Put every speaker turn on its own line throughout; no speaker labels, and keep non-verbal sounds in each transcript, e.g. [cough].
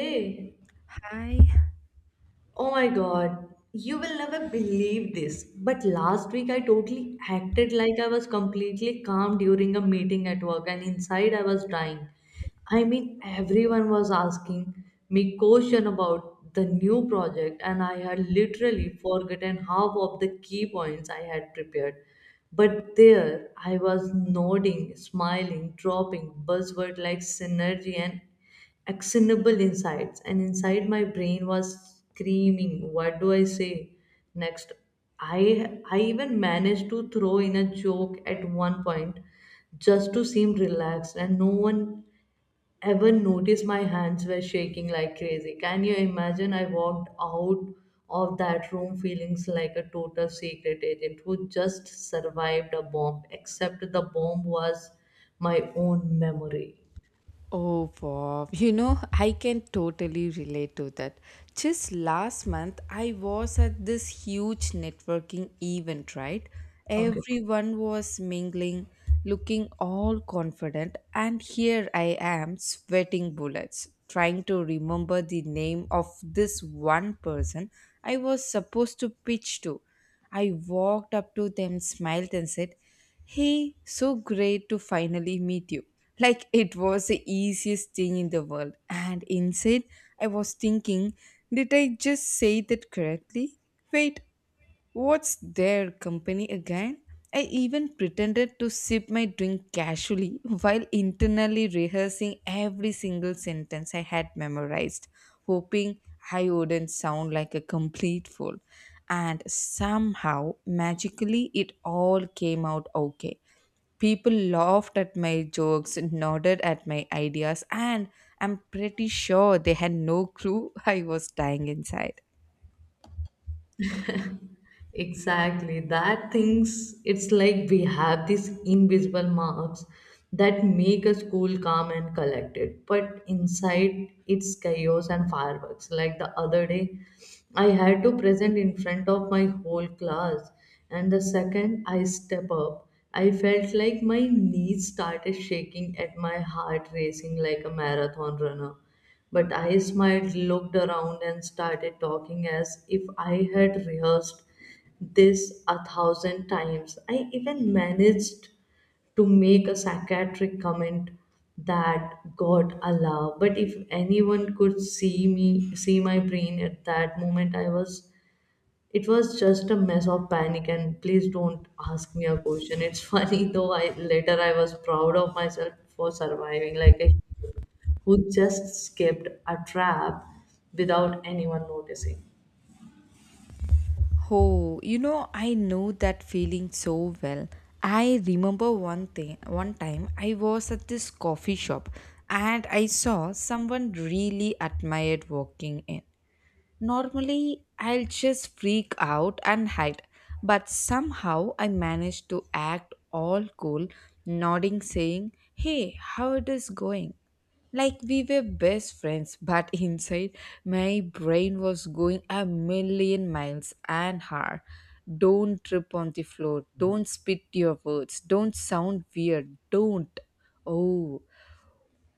Hey,
Hi.
oh my god, you will never believe this. But last week I totally acted like I was completely calm during a meeting at work and inside I was dying. I mean, everyone was asking me question about the new project and I had literally forgotten half of the key points I had prepared. But there I was nodding, smiling, dropping buzzword like synergy and actionable insights, and inside my brain was screaming, what do I say next? I i even managed to throw in a joke at one point just to seem relaxed, and no one ever noticed my hands were shaking like crazy. Can you imagine? I walked out of that room feeling like a total secret agent who just survived a bomb, except the bomb was my own memory.
Oh, wow. I can totally relate to that. Just last month, I was at this huge networking event, right?
Okay.
Everyone was mingling, looking all confident, and here I am sweating bullets, trying to remember the name of this one person I was supposed to pitch to. I walked up to them, smiled, and said, Hey, so great to finally meet you. Like it was the easiest thing in the world. And inside, I was thinking, did I just say that correctly? Wait, what's their company again? I even pretended to sip my drink casually while internally rehearsing every single sentence I had memorized, hoping I wouldn't sound like a complete fool. And somehow magically it all came out okay. People laughed at my jokes, nodded at my ideas, and I'm pretty sure they had no [laughs] clue I was dying inside.
Exactly. That things, it's like we have these invisible marks that make a school calm, and collected. But inside, it's chaos and fireworks. Like the other day, I had to present in front of my whole class, and the second I step up, I felt like my knees started shaking and my heart racing like a marathon runner. But I smiled, looked around, and started talking as if I had rehearsed this a thousand times. I even managed to make a psychiatric comment that got a laugh. But if anyone could see me, see my brain at that moment, I was it was just a mess of panic and please don't ask me a question. It's [laughs] funny though. I later, I was proud of myself for surviving like a hero who just escaped a trap without anyone noticing.
Oh, I know that feeling so well. I remember one time I was at this coffee shop and I saw someone really admired walking in. Normally, I'll just freak out and hide, but somehow I managed to act all cool, nodding, saying, Hey, how it is going? Like we were best friends, but [laughs] inside my brain was going a million miles an hour. Don't trip on the floor. Don't spit your words. Don't sound weird. Don't. Oh,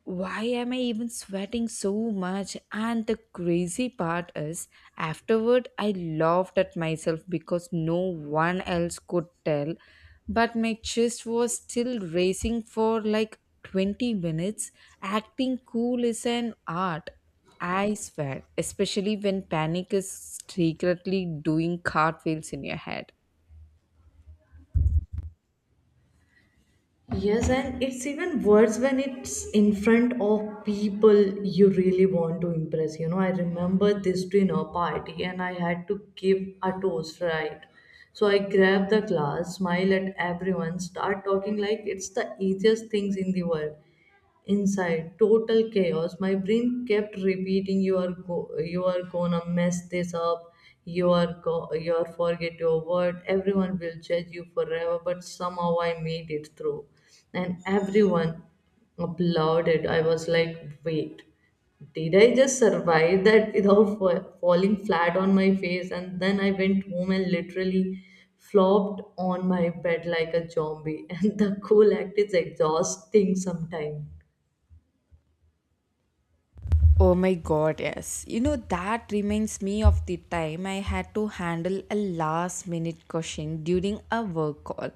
why am I even sweating so much? And the crazy part is, afterward, I laughed at myself because no one else could tell, but my chest was still racing for like 20 minutes. Acting cool is an art. I swear, especially when panic is secretly doing cartwheels in your head.
Yes, and it's even worse when it's in front of people you really want to impress. You know, I remember this dinner party, and I had to give a toast, right? So I grabbed the glass, smile at everyone, start talking like it's the easiest things in the world. Inside, total chaos. My brain kept repeating, you are gonna mess this up, you are forget your word, everyone will judge you forever. But somehow I made it through, and everyone applauded. I was like, wait, did I just survive that without falling flat on my face? And then I went home and literally flopped on my bed like a zombie. [laughs] And the cool act is exhausting sometimes.
Oh my god, yes. That reminds me of the time I had to handle a last minute question during a work call.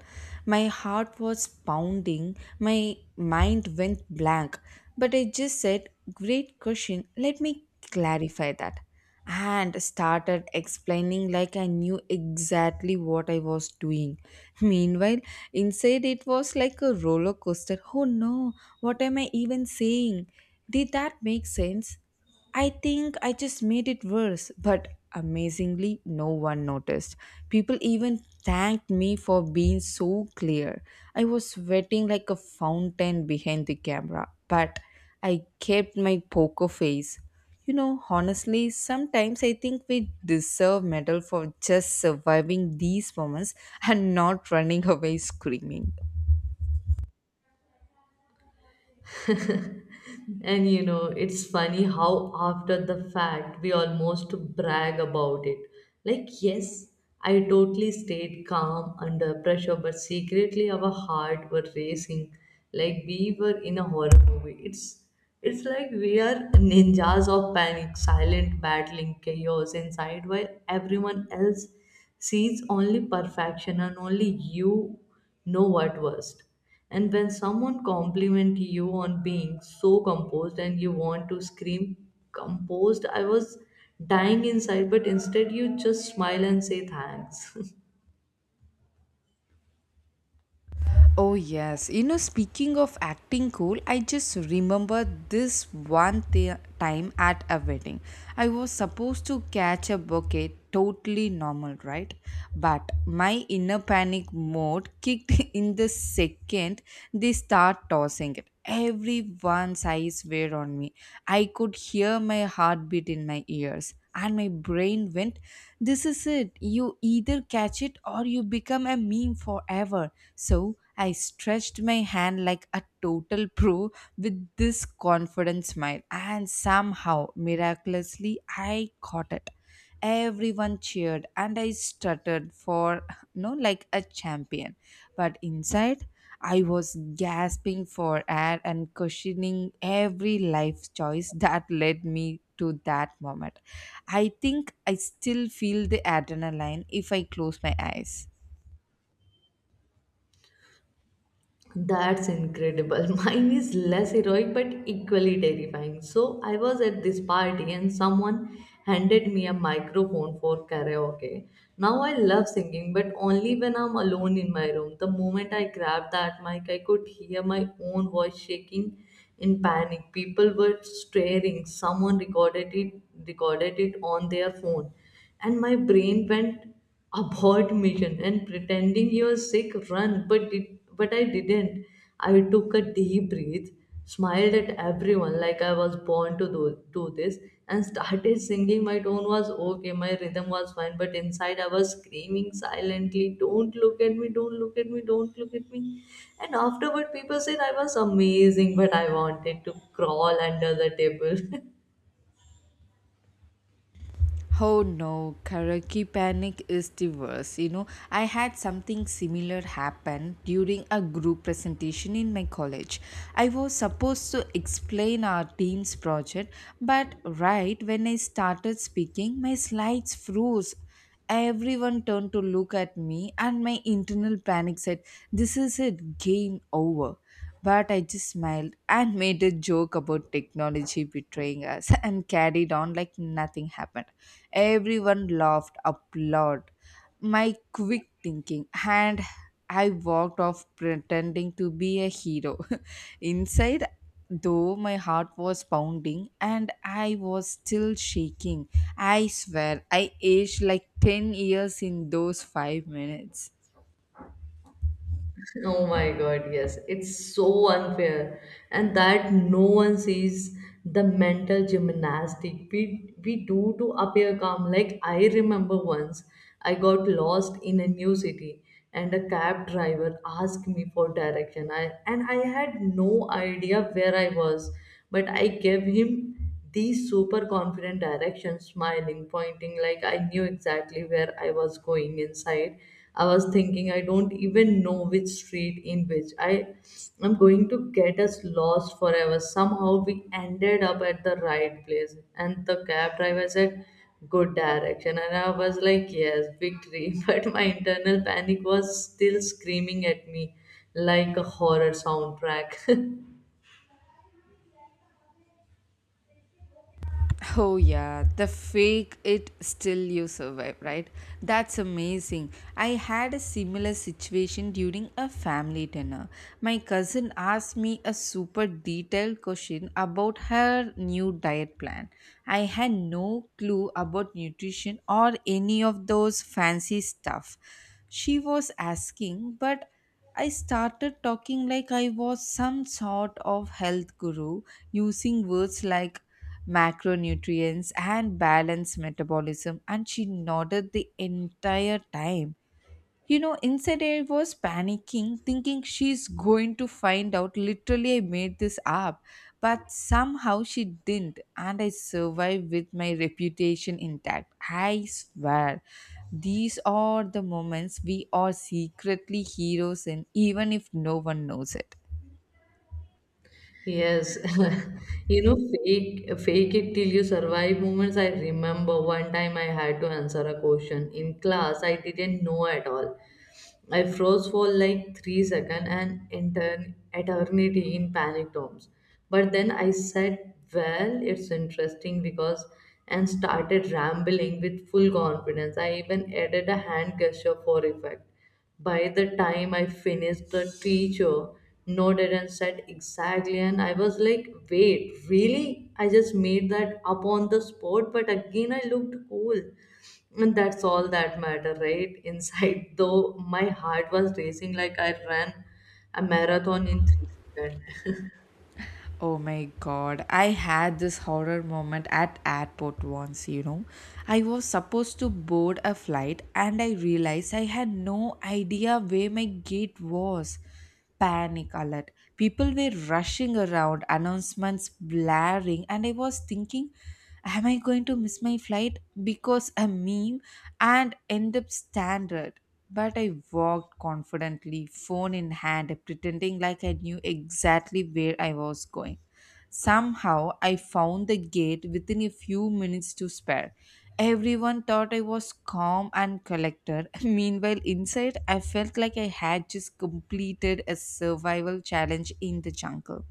My heart was pounding, my mind went blank, but I just said, Great question, let me clarify that, and started explaining like I knew exactly what I was doing. [laughs] Meanwhile, inside it was like a roller coaster. Oh no, what am I even saying? Did that make sense? I think I just made it worse, but amazingly, no one noticed. People even thanked me for being so clear. I was sweating like a fountain behind the camera, but I kept my poker face. Honestly, sometimes I think we deserve medal for just surviving these moments and not running [laughs] away screaming.
And you know, it's funny how after the fact we almost brag about it. Like, yes, I totally stayed calm under pressure, but secretly our heart were racing like we were in a horror movie. It's like we are ninjas of panic, silent battling chaos inside while everyone else sees only perfection, and only you know what worst. And when someone compliment you on being so composed, and you want to scream, composed? I was dying inside. But instead you just smile and say thanks. [laughs]
Oh, yes. Speaking of acting cool, I just remember this one time at a wedding. I was supposed to catch a bouquet, totally normal, right? But my inner panic mode kicked [laughs] in the second they start tossing it. Everyone's eyes were on me. I could hear my heartbeat in my ears. And my brain went, this is it. You either catch it or you become a meme forever. So I stretched my hand like a total pro with this confident smile, and somehow, miraculously, I caught it. Everyone cheered, and I stuttered for, [laughs] no, like a champion. But inside, I was gasping for air and questioning every life choice that led me to that moment. I think I still feel the adrenaline if I close my eyes.
That's incredible. [laughs] Mine is less heroic but equally terrifying. So, I was at this party and someone handed me a microphone for karaoke. Now, I love singing, but only when I'm alone in my room. The moment I grabbed that mic, I could hear my own voice shaking in panic. People were staring. Recorded it on their phone, and my brain went, abort mission and pretending you're sick, run. But I didn't. I took a deep breath, smiled at everyone like I was born to do this, and started singing. My tone was okay, my rhythm was fine, but inside I was screaming silently, don't look at me, don't look at me, don't look at me. And afterward people said I was amazing, but I wanted to crawl under the table. [laughs]
Oh no, karaoke panic is the worst. I had something similar happen during a group presentation in my college. I was supposed to explain our team's project, but right when I started speaking, my slides froze. Everyone turned to look at me, and my internal panic said, this is it, game over. But I just smiled and [laughs] made a joke about technology betraying us [laughs] and carried on like nothing happened. Everyone laughed, applaud my quick thinking, and I walked off pretending to be a hero. [laughs] Inside, though, my heart was pounding and I was still shaking. I swear I aged like 10 years in those 5 minutes.
Oh my God, yes. It's so unfair. And that no one sees the mental gymnastic we do to appear calm. Like, I remember once I got lost in a new city and a cab driver asked me for direction. And I had no idea where I was, but I gave him these super confident directions, smiling, pointing like I knew exactly where I was going. Inside, I was thinking, I don't even know which street in which I am going to get us lost forever. Somehow we ended up at the right place and the cab driver said good direction, and I was like, yes, victory. [laughs] But my internal panic was still screaming at me like a horror soundtrack. [laughs]
Oh yeah, the fake it still you survive, right? That's amazing. I had a similar situation during a family dinner. My cousin asked me a super detailed question about her new diet plan. I had no clue about nutrition or any of those fancy stuff she was asking, but I started talking like I was some sort of health guru, using words like macronutrients and balanced metabolism, and she nodded the entire time. Inside, I was panicking, thinking she's going to find out literally I made this up, but somehow she didn't, and I survived with my reputation intact. I swear, these are the moments we are secretly heroes in, even if no one knows it.
Yes, [laughs] you know, fake it till you survive moments. I remember one time I had to answer a question in class I didn't know at all. I froze for like 3 seconds, and intern eternity in panic terms. But then I said, well, it's interesting because, and started rambling with full confidence. I even added a hand gesture for effect. By the time I finished, the teacher nodded and said exactly, and I was like, wait, really? I just made that up on the spot. But again, I looked cool, and that's all that matter, right? [laughs] Inside though, my heart was racing like I ran a marathon in 3 seconds.
Oh my god, I had this horror moment at airport once. I was supposed to board a flight and I realized I had no idea where my gate was. Panic alert. People were rushing around, announcements blaring, and I was thinking, am I going to miss my flight because a meme and end up stranded? But I walked confidently, phone in hand, pretending like I knew exactly where I was going. Somehow, I found the gate within a few minutes to spare. Everyone thought I was calm and collected. [laughs] Meanwhile, inside, I felt like I had just completed a survival challenge in the jungle.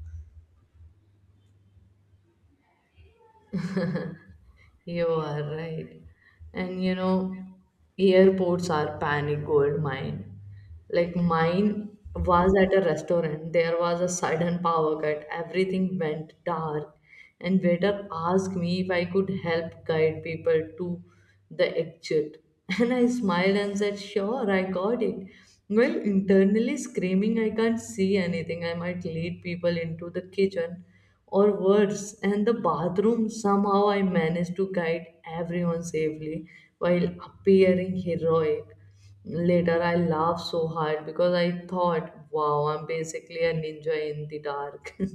[laughs] You are right. And you know, airports are panic gold mine. Like mine was at a restaurant. There was a sudden power cut. Everything went dark, and waiter asked me if I could help guide people to the exit. [laughs] And I smiled and said, "Sure, I got it." Well, internally screaming, I can't see anything, I might lead people into the kitchen or worse, and the bathroom. Somehow I managed to guide everyone safely while appearing heroic. Later, I laughed so hard because I thought, wow, I'm basically a ninja in the dark. [laughs]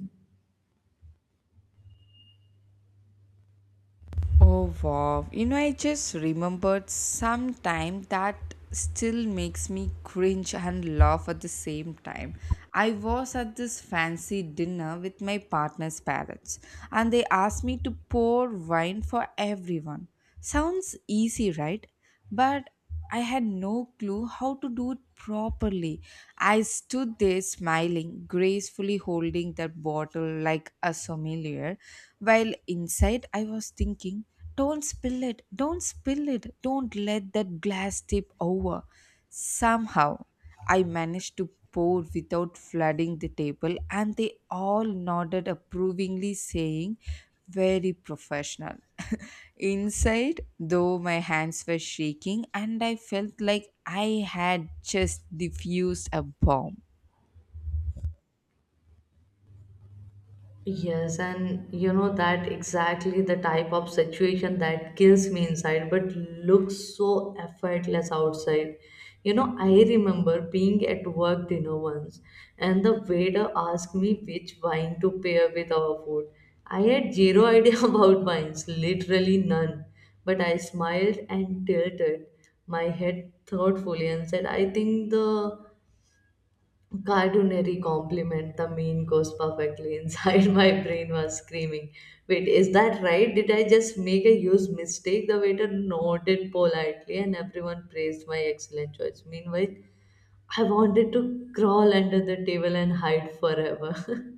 Oh wow. I just remembered some time that still makes me cringe and laugh at the same time. I was at this fancy dinner with my partner's parents and they asked me to pour wine for everyone. Sounds easy, right? But I had no clue how to do it properly. I stood there smiling, gracefully holding that bottle like a sommelier, while inside, I was thinking, don't spill it, don't spill it, don't let that glass tip over. Somehow, I managed to pour without flooding the table, and they all nodded approvingly, saying, very professional. [laughs] Inside, though, my hands were shaking and I felt like I had just diffused a bomb.
Yes, and you know that exactly the type of situation that kills me inside but looks so effortless outside. You know, I remember being at work dinner once and the waiter asked me which wine to pair with our food. I had zero idea [laughs] about wines, literally none, but I smiled and tilted my head thoughtfully and said, I think the Cartoonary compliment, the mean goes perfectly. Inside, [laughs] my brain was screaming, wait, is that right? Did I just make a huge mistake? The waiter nodded politely and everyone praised my excellent choice. Meanwhile, I wanted to crawl under the table and hide forever. [laughs]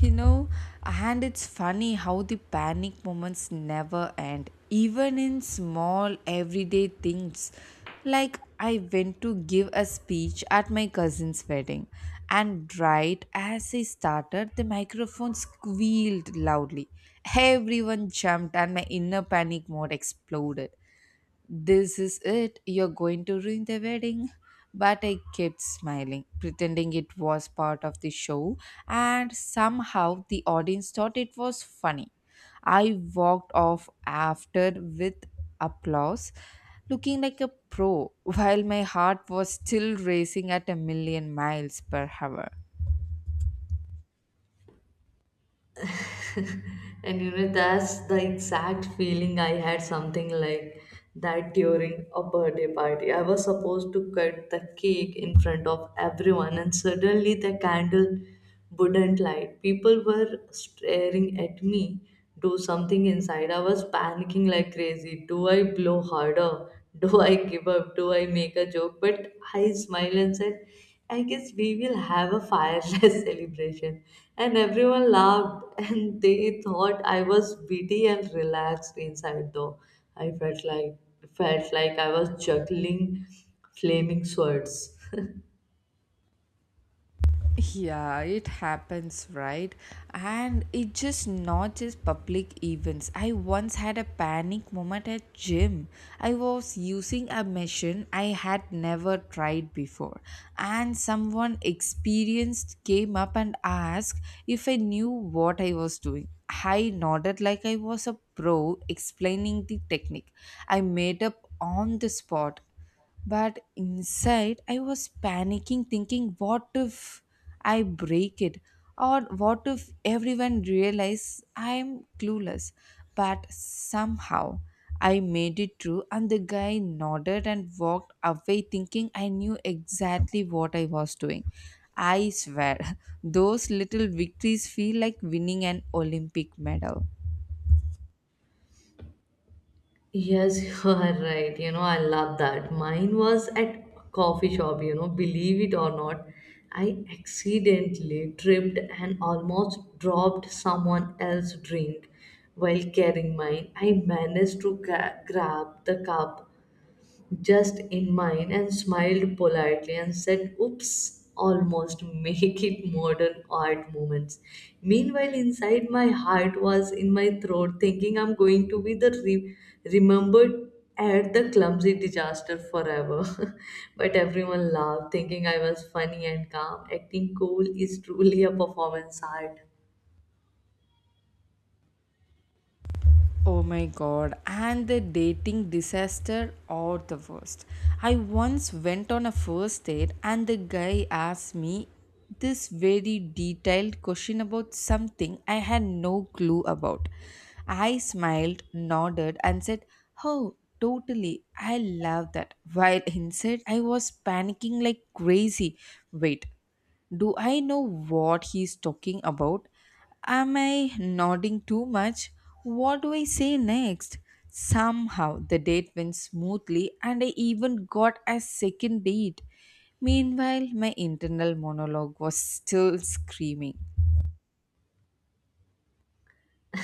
you know and it's funny how the panic moments never end, even in small everyday things. Like, I went to give a speech at my cousin's wedding, and right as I started, the microphone squealed loudly. Everyone jumped and my inner panic mode exploded. This is it, you're going to ruin the wedding. But I kept smiling, pretending it was part of the show, and somehow the audience thought it was funny. I walked off after with applause, looking like a pro, [laughs] while my heart was still racing at a million miles per hour.
And you know, that's the exact feeling. I had something like that during a birthday party. I was supposed to cut the cake in front of everyone, and suddenly the candle wouldn't light. People were staring at me, do something. Inside, I was panicking like crazy. Do I blow harder? [laughs] Do I give up? Do I make a joke? But I smiled and said, I guess we will have a fireless [laughs] celebration. And everyone laughed, [laughs] and they thought I was witty and relaxed. Inside though, I felt like I was juggling flaming swords.
Yeah, it happens, right? And it just not just public events. I once had a panic moment at gym. I was using a machine I had never tried before, and someone experienced came up and asked if I knew what I was doing. I nodded like I was a pro, explaining the technique I made up on the spot. But inside, I was panicking, thinking, what if I break it? Or what if everyone realize I'm clueless? But somehow, I made it through, and the guy nodded and walked away, thinking I knew exactly what I was doing. I swear, [laughs] those little victories feel like winning an Olympic medal.
Yes, [laughs] you are right. You know, I love that. Mine was at coffee shop, you know, believe it or not. I accidentally tripped and almost dropped someone else's drink while carrying mine. I managed to grab the cup just in mine and smiled politely and said, oops, almost [laughs] make it modern art moments. Meanwhile, inside my heart was in my throat thinking I'm going to be the remembered at the clumsy disaster forever. [laughs] But everyone laughed, thinking I was funny and calm. Acting cool is truly a performance art.
Oh my god, and the dating disaster or the worst. I once went on a first date and the guy asked me this very detailed question about something I had no clue about. I smiled, nodded, and said, oh, totally, I love that. While inside, I was panicking like crazy. Wait. Do I know what he's talking about? Am I nodding too much? What do I say next? Somehow the date went smoothly and I even got a second date. Meanwhile, my internal monologue was still screaming.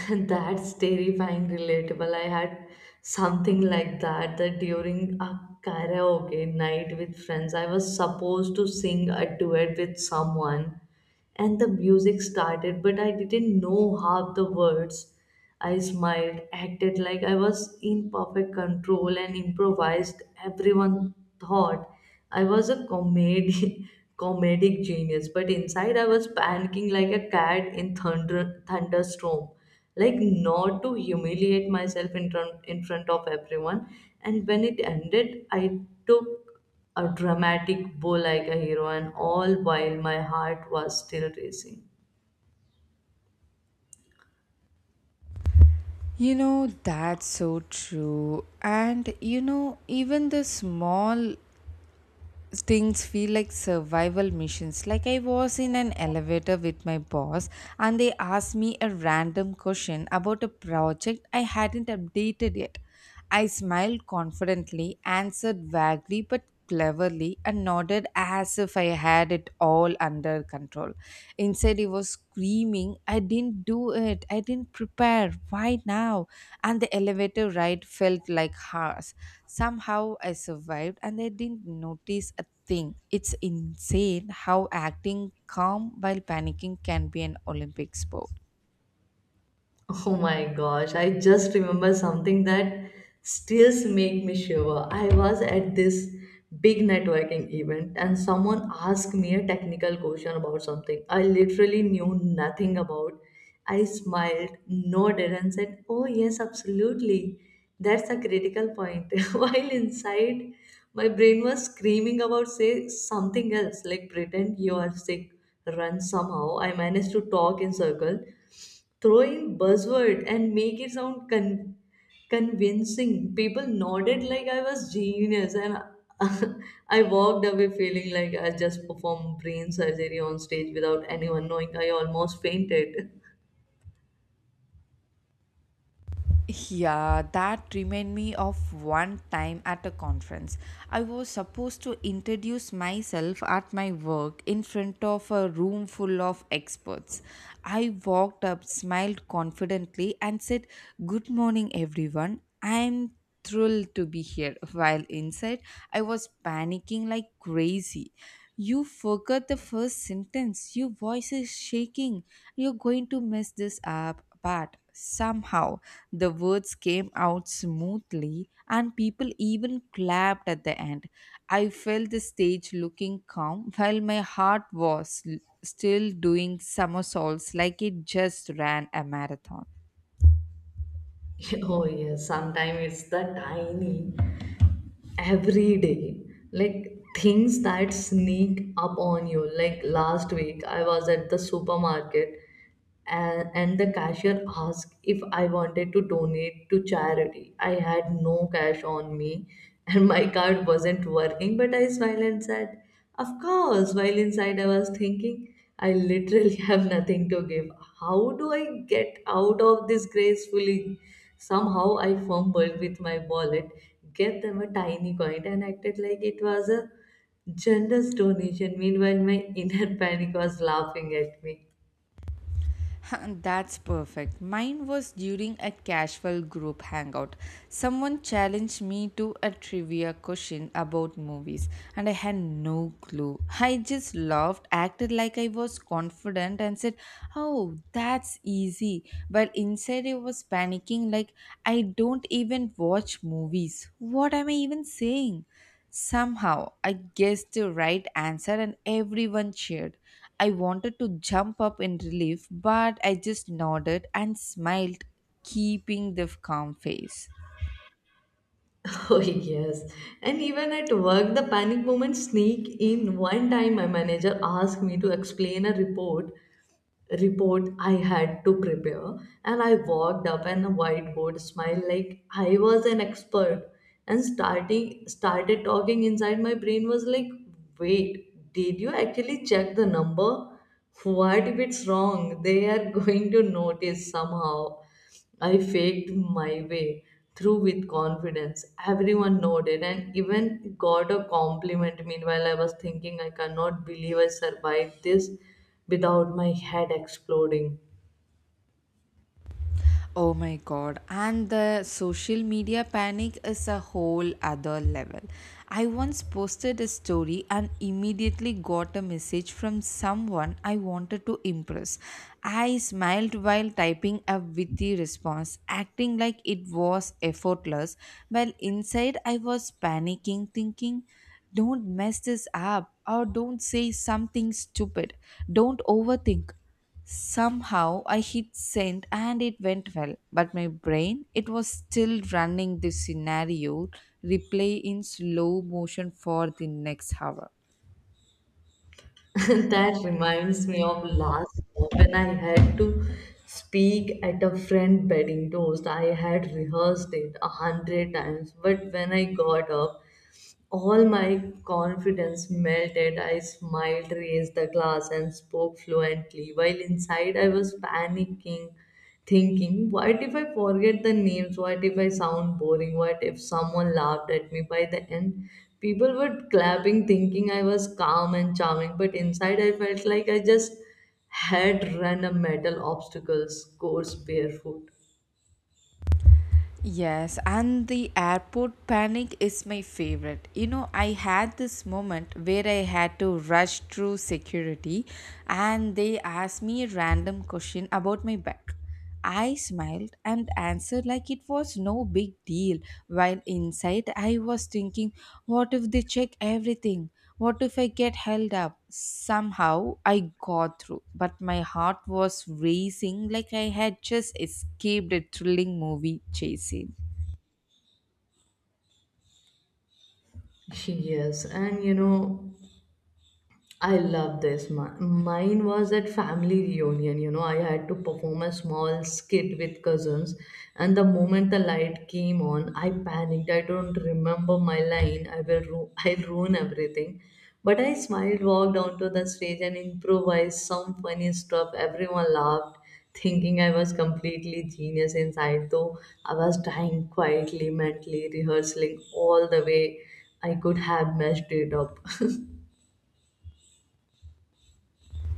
[laughs] That's terrifying relatable. I had something like that during a karaoke night with friends. I was supposed to sing a duet with someone, and the music started, but I didn't know half the words. I smiled, acted like I was in perfect control, and improvised. Everyone thought I was a comedy, [laughs] comedic genius, but inside I was panicking like a cat in thunderstorm, like not to humiliate myself in front of everyone. And when it ended, I took a dramatic bow like a hero, and all while my heart was still racing.
That's so true. And even the small things feel like survival missions. Like, I was in an elevator with my boss and they asked me a random question about a project I hadn't updated yet. I smiled confidently, answered vaguely but cleverly, and nodded as if I had it all under her control. Instead, he was screaming, I didn't do it. I didn't prepare. Why now? And the elevator ride felt like hours. Somehow I survived and I didn't notice a thing. It's insane how acting calm while panicking can be an Olympic sport.
Oh my gosh, I just remember something that still make me shiver. I was at this big networking event and someone asked me a technical question about something I literally knew nothing about. I smiled, nodded and said, "Oh yes, absolutely. That's a critical point." [laughs] While inside, my brain was screaming about, say something else, like pretend you are sick, run somehow. I managed to talk in circle throwing buzzword and make it sound convincing. People nodded like I was genius, and [laughs] I walked away feeling like I just performed brain surgery on stage without anyone knowing. I almost fainted. [laughs]
Yeah, that remind me of one time at a conference. I was supposed to introduce myself at my work in front of a room full of experts. I walked up, smiled confidently, and said, good morning, everyone. I'm thrilled to be here. While inside, I was panicking like crazy. You forgot the first sentence. Your voice is shaking. You're going to mess this up. But somehow the words came out smoothly and people even clapped at the end. I felt the stage looking calm while my heart was still doing somersaults like it just ran a marathon.
Oh yes, sometimes it's the tiny every day like things that sneak up on you. Like last week I was at the supermarket and the cashier asked if I wanted to donate to charity. I had no cash on me and my [laughs] card wasn't working, but I smiled and said, "Of course," while inside I was thinking, I literally [laughs] have nothing to give. How do I get out of this gracefully? Somehow I fumbled with my wallet, gave them a tiny coin, and acted like it was a generous donation. Meanwhile, my inner [laughs] panic was laughing at me.
[laughs] That's perfect. Mine was during a casual group hangout. Someone challenged me to a trivia question about movies, and I had no clue. I just laughed, acted like I was confident, and said, oh, that's easy. But inside, I was panicking like, I don't even watch movies. What am I even saying? Somehow, I guessed the right answer and everyone cheered. I wanted to jump up in relief, but I just nodded and smiled, keeping the calm face.
[laughs] Oh, yes. And even at work, the panic moments sneak in. One time, my manager asked me to explain a report I had to prepare, and I walked up and a whiteboard smile like I was an expert and starting started talking. Inside my brain was like, wait, did you actually check the number? What if it's wrong? They are [laughs] going to notice somehow. I faked my way through with confidence. Everyone nodded and even got a compliment. Meanwhile, I was thinking, I cannot believe I survived this without my head exploding.
Oh my god, and the social media panic is a whole other level. I once posted a story and immediately got a message from someone I wanted to impress. I smiled while typing a witty response, acting like it was effortless, while inside I was panicking, thinking, don't mess this up or don't say something stupid. Don't overthink. Somehow I hit send and it went well, but my brain it was still running this scenario replay in slow motion for the next hour.
[laughs] That reminds me of last year when I had to speak at a friend wedding toast. I had rehearsed it 100 times, but when I got up, all my confidence melted. I smiled, raised the glass, and spoke fluently, while inside I was panicking, thinking, what if I forget the names? What if I sound boring? What if someone laughed at me? By the end, people were clapping, thinking I was calm and charming, but inside I felt like I just had run a metal obstacle course barefoot.
Yes, and the airport panic is my favorite. I had this moment where I had to rush through security and they asked me a random question about my bag. I smiled and answered like it was no big deal. While inside, I was thinking, what if they check everything? What if I get held up? Somehow I got through, but my heart was racing like I had just escaped a thrilling movie chase scene.
[laughs] Yes, and you know, I love this. Mine was at family reunion. You know, I had to perform a small skit with cousins, and the moment the light came on, I panicked. I don't remember my line. [laughs] I'll ruin everything. But I smiled, walked onto the stage, and improvised some funny stuff. Everyone laughed, thinking I was completely genius inside. Though I was dying quietly, mentally rehearsing all the way I could have messed it up.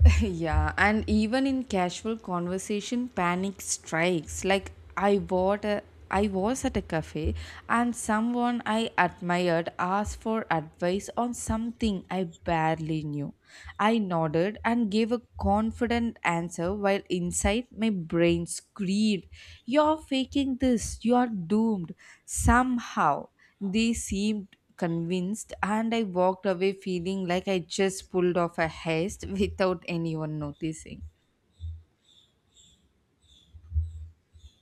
[laughs] Yeah, and even in casual conversation, panic strikes. Like, I was at a cafe and someone I admired asked for advice on something I barely knew. I nodded and gave a confident answer while inside my brain screamed, you're faking this, you're doomed somehow. They seemed convinced, and I walked away feeling like I just pulled off a heist [laughs] without anyone noticing.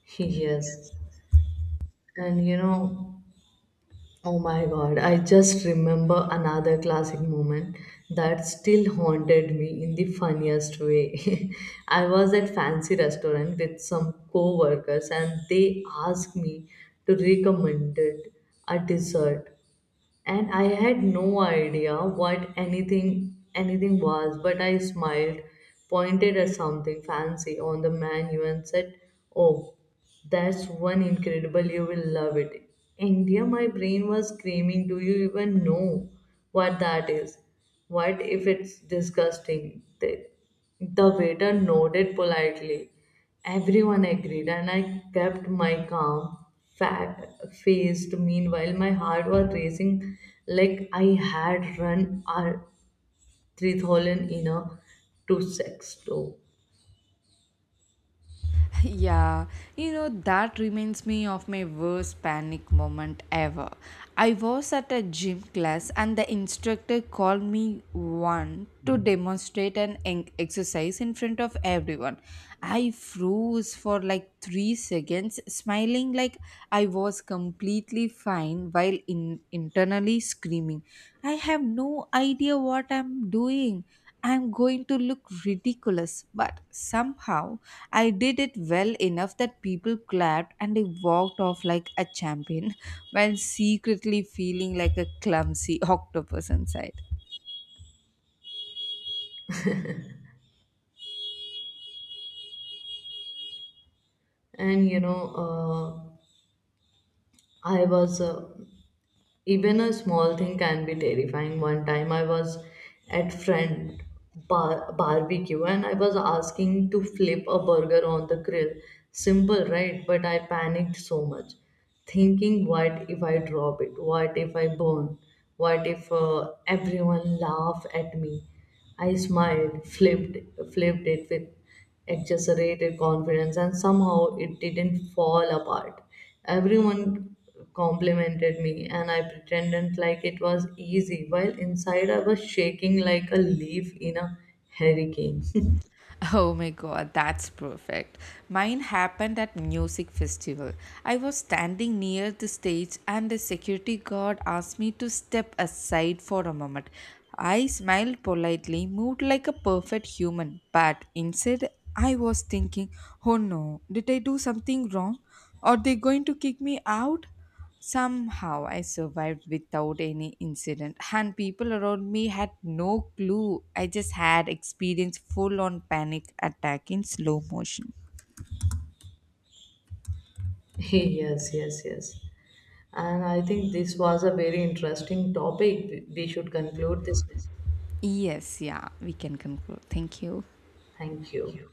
[laughs] Yes. And you know, oh my god, I just remember another classic moment that still haunted me in the funniest way. [laughs] I was at fancy restaurant with some co-workers and they asked me to recommend it a dessert, and I had no idea what anything was, but I smiled, pointed at something fancy on the menu and said, "Oh, that's one incredible, you will love it." India, my brain was screaming, do you even know what that is? What if it's disgusting? The waiter nodded politely. Everyone agreed, and I kept my calm fat faced. Meanwhile, my heart was racing like I had run a tritholin in a two sex toe.
[laughs] Yeah, that reminds me of my worst panic moment ever. I was at a gym class and the instructor called me one to demonstrate an exercise in front of everyone. I froze for like 3 seconds, smiling like I was completely fine while internally screaming, I have no idea what I'm doing. I'm going to look ridiculous, but somehow I did it well enough that people clapped and I walked off like a champion [laughs] while secretly feeling like a clumsy [laughs] octopus inside.
And you know, I was even a small thing can be terrifying. One time I was at friend barbecue and I was asking to flip a burger on the grill. Simple, right? But I panicked so much, thinking, what if I drop it? What if I burn? What if everyone laugh at me? I smiled, flipped it with exaggerated confidence and somehow it didn't fall apart. Everyone complimented me and I pretended like it was easy, while inside I was shaking like a leaf in a hurricane.
[laughs] Oh my god, that's perfect. Mine happened at music festival. I was standing near the stage and the security guard asked me to step aside for a moment. I smiled politely, moved like a perfect human, but inside I was thinking, "Oh no, did I do something wrong? Are they going to kick me out?" Somehow I survived without any incident, and people around me had no clue. I just had experienced full on panic attack in slow motion.
[laughs] Yes, yes, yes. And I think this was a very interesting topic. We should conclude this one.
Yes, yeah, we can conclude. Thank you.
Thank you.